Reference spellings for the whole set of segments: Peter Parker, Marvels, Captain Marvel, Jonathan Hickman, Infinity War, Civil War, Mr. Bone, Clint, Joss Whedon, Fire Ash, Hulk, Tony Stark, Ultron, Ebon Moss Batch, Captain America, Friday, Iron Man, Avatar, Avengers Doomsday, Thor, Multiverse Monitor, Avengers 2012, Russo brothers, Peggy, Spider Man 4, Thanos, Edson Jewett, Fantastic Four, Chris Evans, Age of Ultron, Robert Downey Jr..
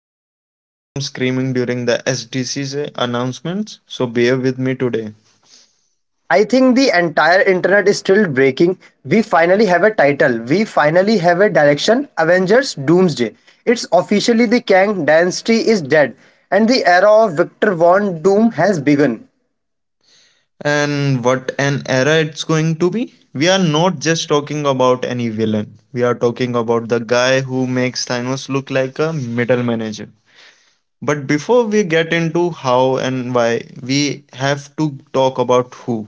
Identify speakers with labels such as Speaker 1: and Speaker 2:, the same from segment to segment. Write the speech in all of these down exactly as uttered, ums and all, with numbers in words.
Speaker 1: breaking from screaming during the S D C's announcements, so bear with me today.
Speaker 2: I think the entire internet is still breaking. We finally have a title. We finally have a direction. Avengers Doomsday. It's officially the Kang dynasty is dead and the era of Victor Von Doom has begun.
Speaker 1: And what an era it's going to be! We are not just talking about any villain, we are talking about the guy who makes Thanos look like a middle manager. But before we get into how and why, we have to talk about who.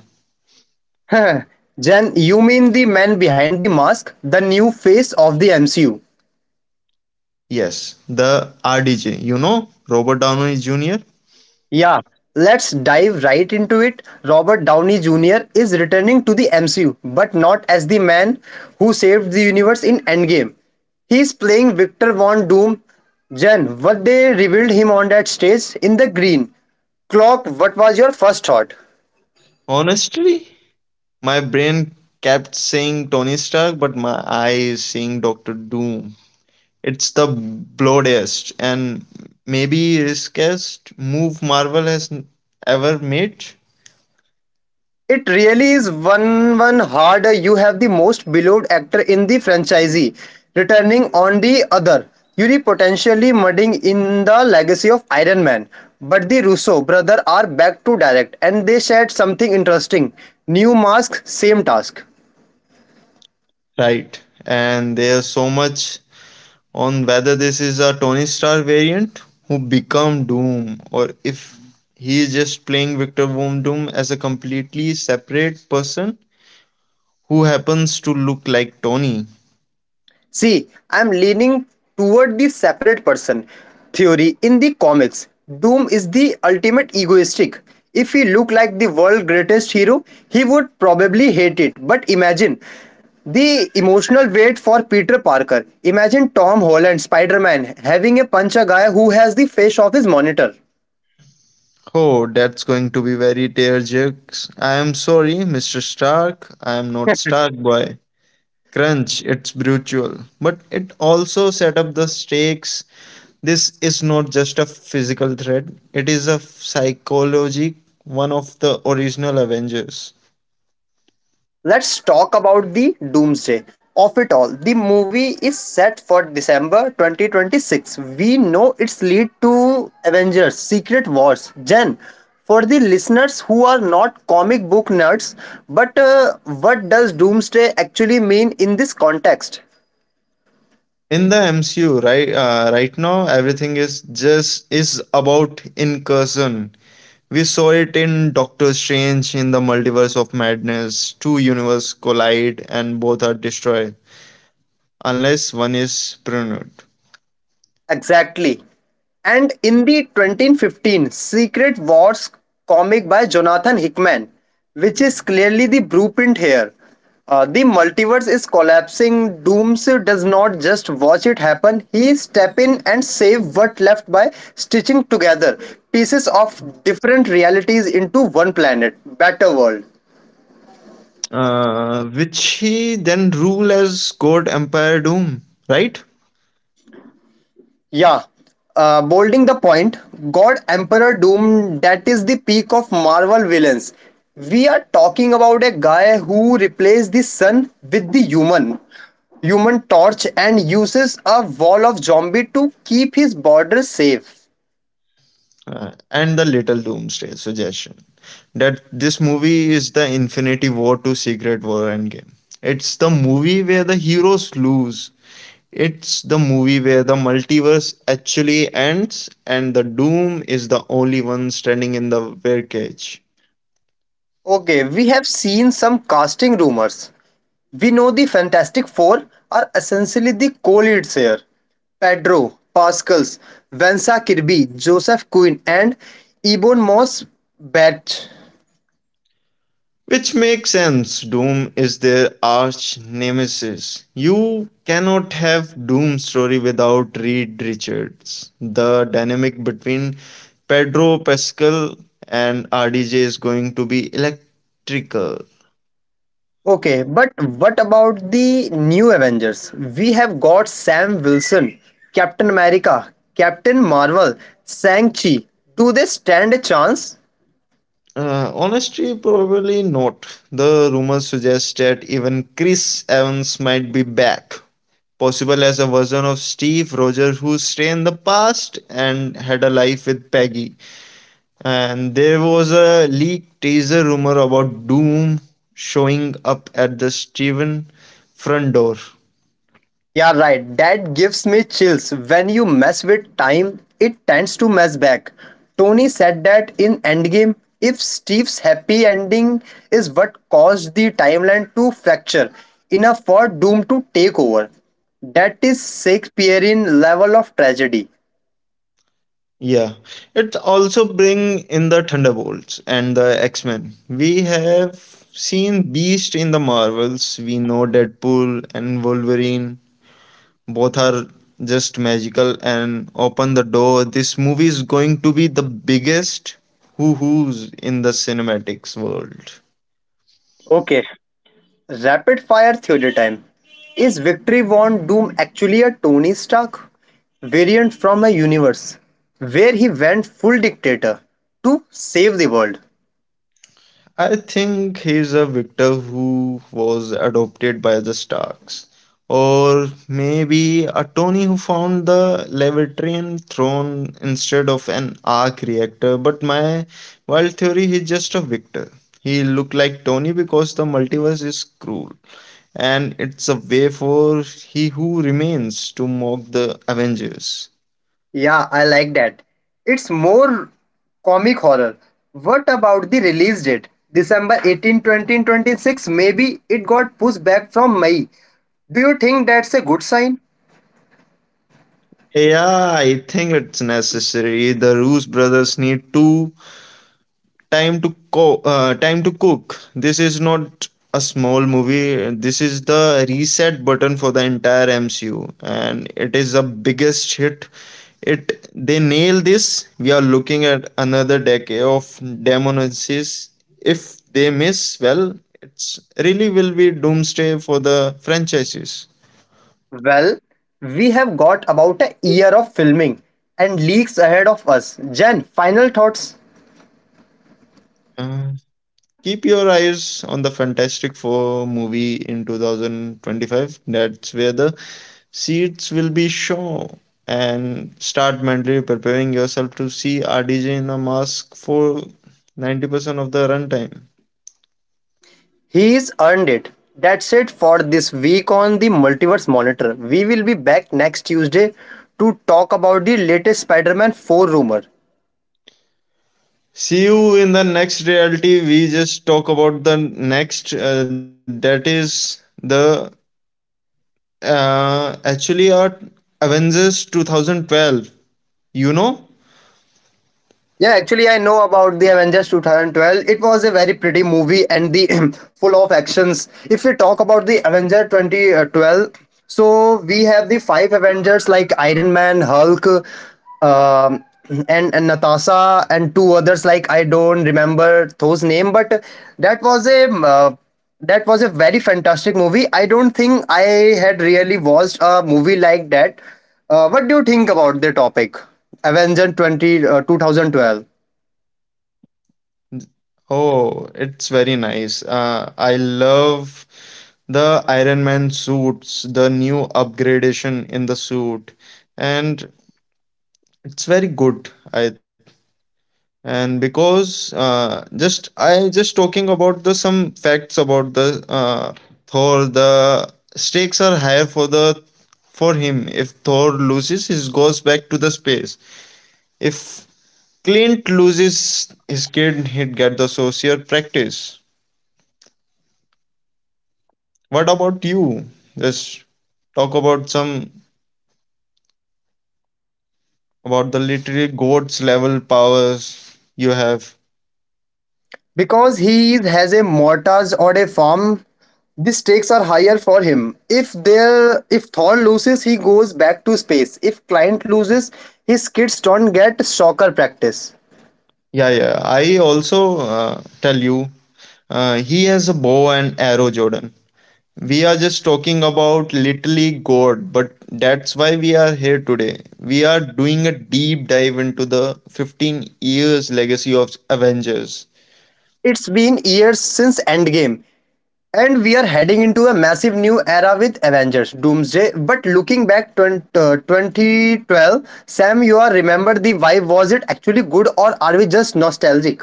Speaker 2: Jen, you mean the man behind the mask, the new face of the M C U?
Speaker 1: Yes, the R D J, you know, Robert Downey Junior
Speaker 2: Yeah, let's dive right into it. Robert Downey Junior is returning to the M C U, but not as the man who saved the universe in Endgame. He's playing Victor Von Doom. Jen, what they revealed him on that stage in the green. Clock, what was your first thought?
Speaker 1: Honestly, my brain kept saying Tony Stark, but my eye is seeing Doctor Doom. It's the bloodiest and maybe riskiest move Marvel has n- ever made.
Speaker 2: It really is one one harder. You have the most beloved actor in the franchise returning on the other. Yuri potentially mudding in the legacy of Iron Man. But the Russo brothers are back to direct and they shared something interesting. New mask, same task.
Speaker 1: Right. And there's so much on whether this is a Tony Stark variant who become Doom or if he is just playing Victor Von Doom as a completely separate person who happens to look like Tony.
Speaker 2: See, I'm leaning toward the separate person theory in the comics. Doom is the ultimate egoistic. If he looked like the world's greatest hero, he would probably hate it. But imagine the emotional weight for Peter Parker. Imagine Tom Holland, Spider Man, having a punch a guy who has the face of his monitor.
Speaker 1: Oh, that's going to be very tearjerks. I am sorry, Mister Stark. I am not Stark Boy. Crunch, it's brutal. But it also set up the stakes. This is not just a physical threat, it is a psychology, one of the original Avengers.
Speaker 2: Let's talk about the doomsday of it all. The movie is set for December twenty twenty-six. We know its lead to Avengers Secret Wars. Jen, for the listeners who are not comic book nerds, but uh, what does doomsday actually mean in this context?
Speaker 1: In the M C U, right, uh, right now, everything is just is about incursion. We saw it in Doctor Strange in the Multiverse of Madness. Two universes collide and both are destroyed, unless one is pruned.
Speaker 2: Exactly. And in the twenty fifteen Secret Wars comic by Jonathan Hickman, which is clearly the blueprint here. Uh, the multiverse is collapsing. Dooms does not just watch it happen, he step in and save what left by stitching together pieces of different realities into one planet, better world.
Speaker 1: Uh, which he then rule as God Empire Doom, right?
Speaker 2: Yeah. Uh, bolding the point, God Emperor Doom, that is the peak of Marvel villains. We are talking about a guy who replaced the sun with the human human torch and uses a wall of zombie to keep his borders safe.
Speaker 1: Uh, and the little doomsday suggestion that this movie is the infinity war to secret war endgame, it's the movie where the heroes lose, it's the movie where the multiverse actually ends and the doom is the only one standing in the birdcage.
Speaker 2: Okay, we have seen some casting rumors. We know the Fantastic Four are essentially the co-leads here. Pedro Pascals, Vanessa Kirby, Joseph Quinn, and Ebon Moss Batch.
Speaker 1: Which makes sense. Doom is their arch nemesis. You cannot have Doom story without Reed Richards. The dynamic between Pedro Pascal and R D J is going to be electrical.
Speaker 2: Okay, but what about the new Avengers? We have got Sam Wilson, Captain America, Captain Marvel, Shang-Chi. Do they stand a chance?
Speaker 1: Uh, honestly, probably not. The rumors suggest that even Chris Evans might be back, possible as a version of Steve Rogers who stayed in the past and had a life with Peggy. And there was a leaked teaser rumor about Doom showing up at the Steven front door.
Speaker 2: Yeah, right. That gives me chills. When you mess with time, it tends to mess back. Tony said that in Endgame, if Steve's happy ending is what caused the timeline to fracture enough for Doom to take over. That is Shakespearean level of tragedy.
Speaker 1: Yeah, it also bring in the Thunderbolts and the X Men. We have seen Beast in the Marvels. We know Deadpool and Wolverine. Both are just magical and open the door. This movie is going to be the biggest hoo hoos in the cinematics world.
Speaker 2: Okay, rapid fire theory time. Is Victory Von Doom actually a Tony Stark variant from a universe where he went full dictator to save the world?
Speaker 1: I think he's a victor who was adopted by the Starks, or maybe a Tony who found the Levitrian throne instead of an arc reactor. But my wild theory, he's just a victor. He looked like Tony because the multiverse is cruel, and it's a way for he who remains to mock the Avengers.
Speaker 2: Yeah, I like that. It's more comic horror. What about the release date? December eighteenth, twenty twenty-six. Maybe it got pushed back from May. Do you think that's a good sign?
Speaker 1: Yeah, I think it's necessary. The Roos brothers need to time to co- uh, time to cook. This is not a small movie, this is the reset button for the entire MCU and it is the biggest hit. It they nail this, we are looking at another decade of demonensis. If they miss, well, it's really will be doomsday for the franchises.
Speaker 2: Well, we have got about a year of filming and leaks ahead of us. Jen, final thoughts?
Speaker 1: uh, Keep your eyes on the fantastic four movie in twenty twenty-five. That's where the seats will be shown, and start mentally preparing yourself to see R D J in a mask for ninety percent of the runtime.
Speaker 2: He's earned it. That's it for this week on the Multiverse Monitor. We will be back next Tuesday to talk about the latest Spider Man four rumor.
Speaker 1: See you in the next reality. We just talk about the next, uh, that is the uh, actually our Avengers twenty twelve. You know?
Speaker 2: Yeah, actually, I know about the Avengers two thousand twelve. It was a very pretty movie and the full of actions. If we talk about the Avenger twenty twelve, so we have the five Avengers like Iron Man, Hulk, um, and, and Natasha, and two others like I don't remember those name, but that was a um, uh, that was a very fantastic movie. I don't think I had really watched a movie like that. Uh, what do you think about the topic? Avenger twenty, uh, two thousand twelve.
Speaker 1: Oh, it's very nice. Uh, I love the Iron Man suits, the new upgradation in the suit, and it's very good. I and because uh, just I just talking about the some facts about the uh, Thor. The stakes are higher for the for him. If Thor loses, he goes back to the space. If Clint loses his kid, he'd get the social practice. What about you? Just talk about some about the literary goats level powers you have.
Speaker 2: Because he is- has a mortars or a farm, the stakes are higher for him. If there, if Thor loses, he goes back to space. If client loses, his kids don't get soccer practice.
Speaker 1: Yeah, yeah. I also uh, tell you, uh, he has a bow and arrow, Jordan. We are just talking about literally God, but that's why we are here today. We are doing a deep dive into the fifteen years legacy of Avengers.
Speaker 2: It's been years since Endgame, and we are heading into a massive new era with Avengers Doomsday. But looking back twenty, uh, twenty twelve, Sam, you are remember the vibe. Was it actually good or are we just nostalgic?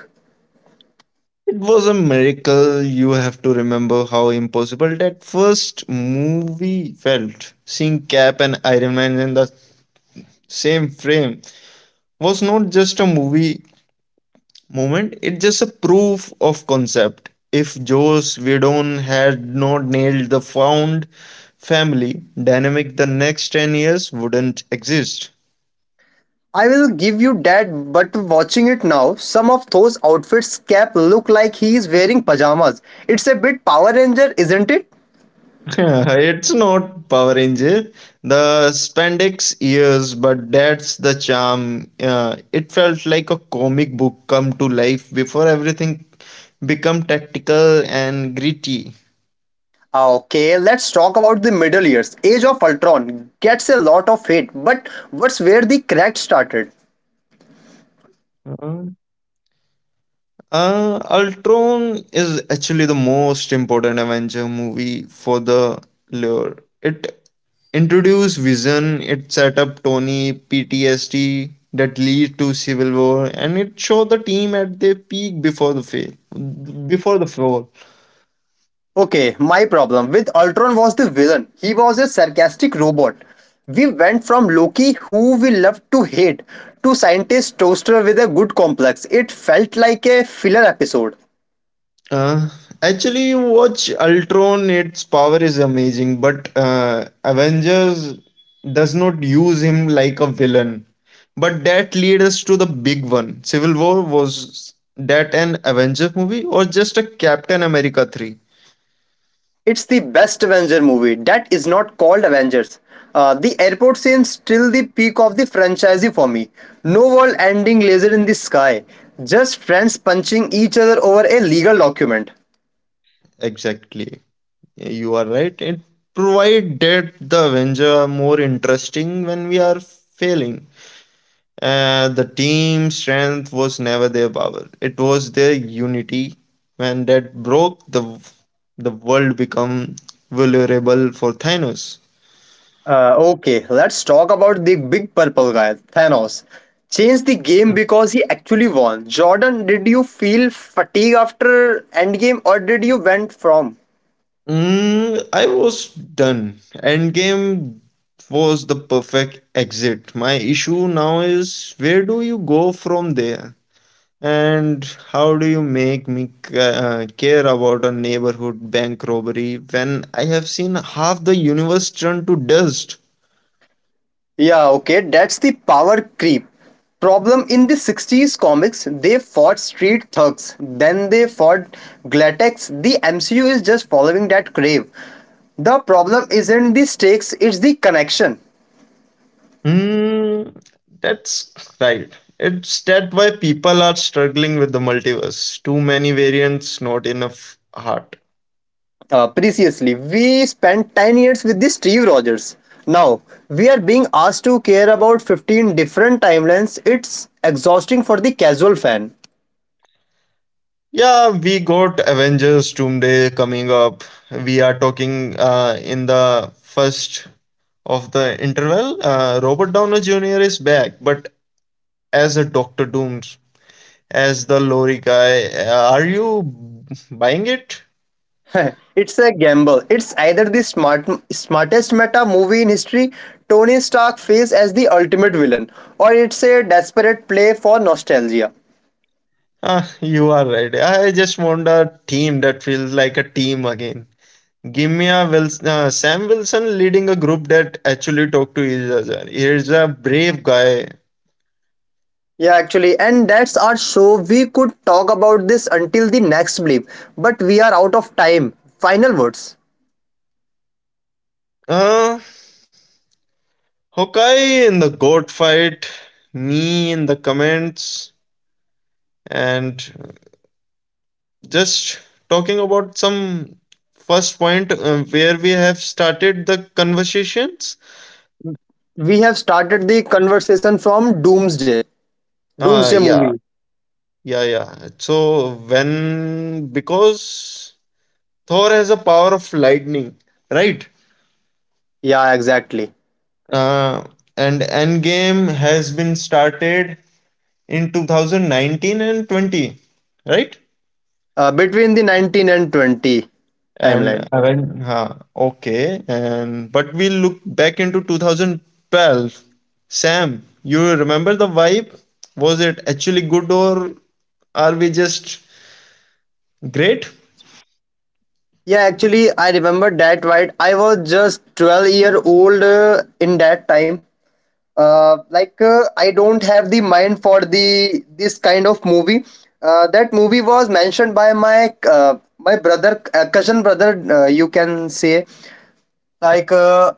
Speaker 1: It was a miracle. You have to remember how impossible that first movie felt. Seeing Cap and Iron Man in the same frame was not just a movie moment. It's just a proof of concept. If Joss Whedon had not nailed the found family dynamic, the next ten years wouldn't exist.
Speaker 2: I will give you that, but watching it now, some of those outfits Cap look like he is wearing pajamas. It's a bit Power Ranger, isn't it?
Speaker 1: It's not Power Ranger, the spandex ears, but that's the charm. Uh, it felt like a comic book come to life before everything become tactical and gritty.
Speaker 2: Ah, Okay, let's talk about the Middle Years. Age of Ultron gets a lot of hate, but what's where the crack started?
Speaker 1: Uh, Ultron is actually the most important Avenger movie for the lore. It introduced Vision, it set up Tony P T S D that lead to Civil War, and it showed the team at their peak before the fail, before the fall.
Speaker 2: Okay, my problem with Ultron was the villain. He was a sarcastic robot. We went from Loki, who we loved to hate, to scientist toaster with a good complex. It felt like a filler episode.
Speaker 1: Uh, actually, you watch Ultron, its power is amazing, but uh, Avengers does not use him like a villain. But that leads us to the big one. Civil War, was that an Avengers movie or just a Captain America three?
Speaker 2: It's the best Avenger movie that is not called Avengers. Uh, the airport scene still the peak of the franchise for me. No world-ending laser in the sky, just friends punching each other over a legal document.
Speaker 1: Exactly. You are right. It provide that the Avenger are more interesting when we are failing. Uh, the team strength was never their power. It was their unity. When that broke, the the world became vulnerable for Thanos.
Speaker 2: Uh, okay, let's talk about the big purple guy, Thanos. Changed the game
Speaker 1: Mm.
Speaker 2: because he actually won. Jordan, did you feel fatigue after Endgame, or did you went from?
Speaker 1: Mm, I was done. Endgame was the perfect exit. My issue now is, where do you go from there? And how do you make me c- uh, care about a neighborhood bank robbery when I have seen half the universe turn to dust?
Speaker 2: Yeah, okay, that's the power creep. Problem in the sixties comics, they fought street thugs, then they fought Glatex. The M C U is just following that crave. The problem isn't the stakes, it's the connection.
Speaker 1: Mm, that's right. It's that why people are struggling with the multiverse. Too many variants, not enough heart.
Speaker 2: Uh, previously, we spent ten years with the Steve Rogers. Now, we are being asked to care about fifteen different timelines. It's exhausting for the casual fan.
Speaker 1: Yeah, we got Avengers Doomsday coming up. We are talking uh, in the first of the interval. Uh, Robert Downey Junior is back, but as a Doctor Dooms, as the lorry guy. Uh, are you buying it?
Speaker 2: it's a gamble. It's either the smart, smartest meta movie in history, Tony Stark face as the ultimate villain, or it's a desperate play for nostalgia.
Speaker 1: Ah, you are right. I just want a team that feels like a team again. Give me a Wilson, uh, Sam Wilson leading a group that actually talked to each other. He's a brave guy.
Speaker 2: Yeah, actually, and that's our show. We could talk about this until the next bleep, but we are out of time. Final words.
Speaker 1: Uh, Hawkeye in the goat fight, me in the comments, and just talking about some first point uh, where we have started the conversations.
Speaker 2: We have started the conversation from Doomsday, Doomsday
Speaker 1: Uh,
Speaker 2: movie.
Speaker 1: yeah, yeah, yeah. So when because Thor has a power of lightning, right?
Speaker 2: Yeah, exactly.
Speaker 1: uh, and Endgame has been started in two thousand nineteen and twenty, right?
Speaker 2: Uh, between the nineteen and twenty timeline.
Speaker 1: And when, huh, okay, and but we look back into twenty twelve. Sam, you remember the vibe? Was it actually good or are we just great?
Speaker 2: Yeah, actually, I remember that right. I was just twelve year old uh, in that time. Uh, like uh, I don't have the mind for the this kind of movie. Uh, that movie was mentioned by my uh, my brother, uh, cousin brother. Uh, you can say like uh,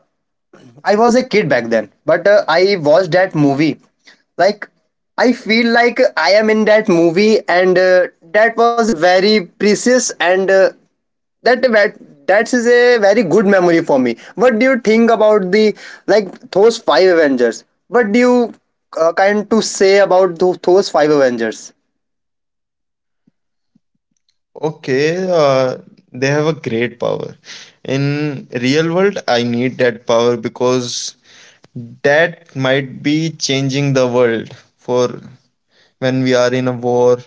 Speaker 2: I was a kid back then, but uh, I watched that movie. Like I feel like I am in that movie, and uh, that was a very precious and uh, that that that is a very good memory for me. What do you think about the like those five Avengers? What do you uh, kind to say about tho- those five Avengers?
Speaker 1: Okay, uh, they have a great power. In real world, I need that power because that might be changing the world for when we are in a war.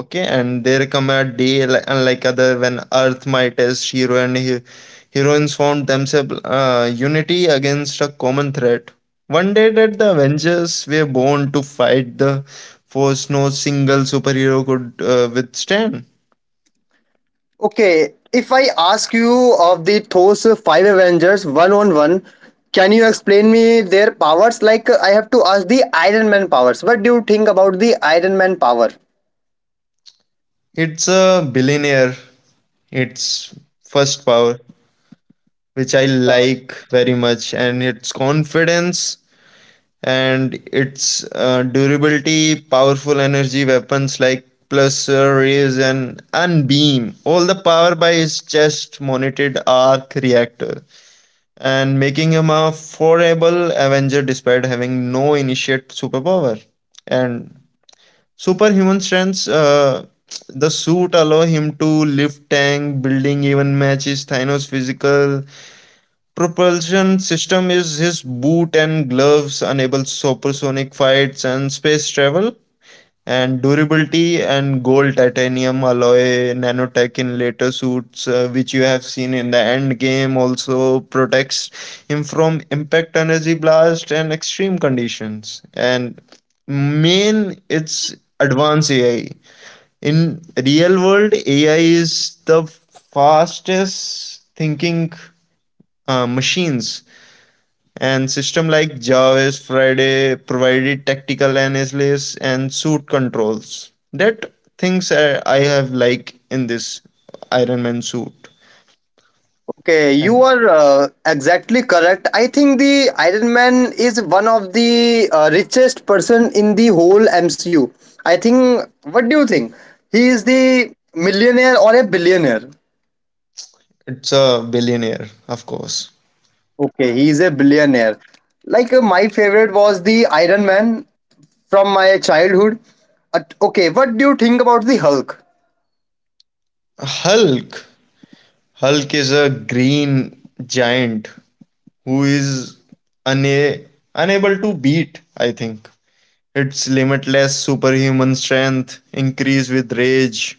Speaker 1: Okay, and there come a day li- unlike other when Earth might as hero and he- heroines found themselves uh, unity against a common threat. One day that the Avengers were born to fight the force no single superhero could uh, withstand.
Speaker 2: Okay, if I ask you of the those five Avengers one on one, can you explain me their powers? Like I have to ask the Iron Man powers. What do you think about the Iron Man power?
Speaker 1: It's a billionaire. It's first power, which I like very much, and its confidence and its uh, durability, powerful energy weapons like pulsar rays and unbeam. All the power by his chest mounted arc reactor, and making him a formidable Avenger despite having no initiate superpower. And superhuman strengths, uh, the suit allow him to lift tank, building even matches Thanos' physical. Propulsion system is his boot and gloves, enable supersonic fights and space travel, and durability and gold titanium alloy nanotech in later suits, uh, which you have seen in the end game, also protects him from impact energy blast and extreme conditions. And main, it's advanced AI. In real world, AI is the fastest thinking uh, machines and system like Jarvis, Friday provided tactical analysis and suit controls. That things I I have like in this Iron Man suit,
Speaker 2: Okay, you
Speaker 1: and
Speaker 2: are uh, exactly correct. I think the Iron Man is one of the uh, richest person in the whole M C U. I think. What do you think? He is the millionaire or a billionaire?
Speaker 1: it's a billionaire, of course.
Speaker 2: Okay, he is a billionaire. Like uh, my favorite was the Iron Man from my childhood. Uh, okay, what do you think about the Hulk?
Speaker 1: Hulk, Hulk is a green giant who is una- unable to beat. I think its limitless superhuman strength, increased with rage,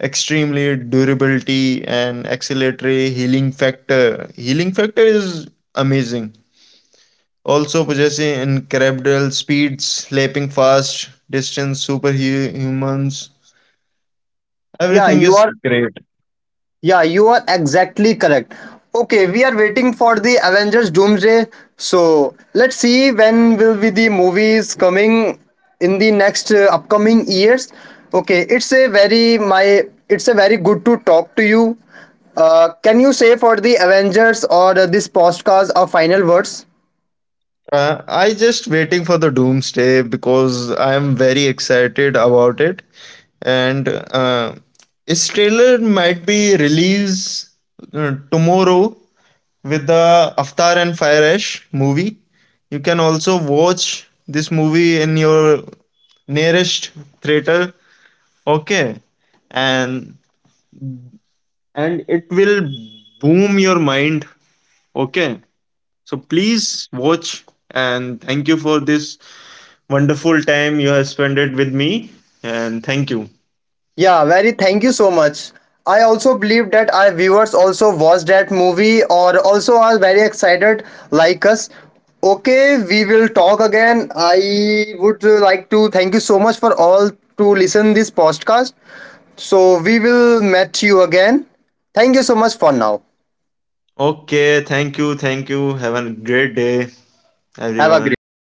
Speaker 1: extremely durability, and acceleratory healing factor. Healing factor is amazing. Also possessing incredible speed, slapping fast, distance, superhumans.
Speaker 2: Yeah,
Speaker 1: Everything
Speaker 2: you
Speaker 1: is
Speaker 2: are
Speaker 1: great.
Speaker 2: Yeah, you are exactly correct. Okay, we are waiting for the Avengers Doomsday. So let's see when will be the movies coming in the next uh, upcoming years. Okay, it's a very my it's a very good to talk to you. Uh, can you say for the Avengers or uh, this podcast a final words?
Speaker 1: Uh, I just waiting for the doomsday because I am very excited about it, and uh, its trailer might be released uh, tomorrow with the Avatar and Fire Ash movie. You can also watch this movie in your nearest theater. Okay, and and it will boom your mind. Okay, so please watch, and thank you for this wonderful time you have spent it with me, and thank you.
Speaker 2: Yeah, very thank you so much. I also believe that our viewers also watched that movie or also are very excited like us. Okay, we will talk again. I would uh, like to thank you so much for all to listen this podcast. So we will meet you again. Thank you so much for now.
Speaker 1: Okay, thank you, thank you. Have a great day,
Speaker 2: Have a great
Speaker 1: everyone.
Speaker 2: day.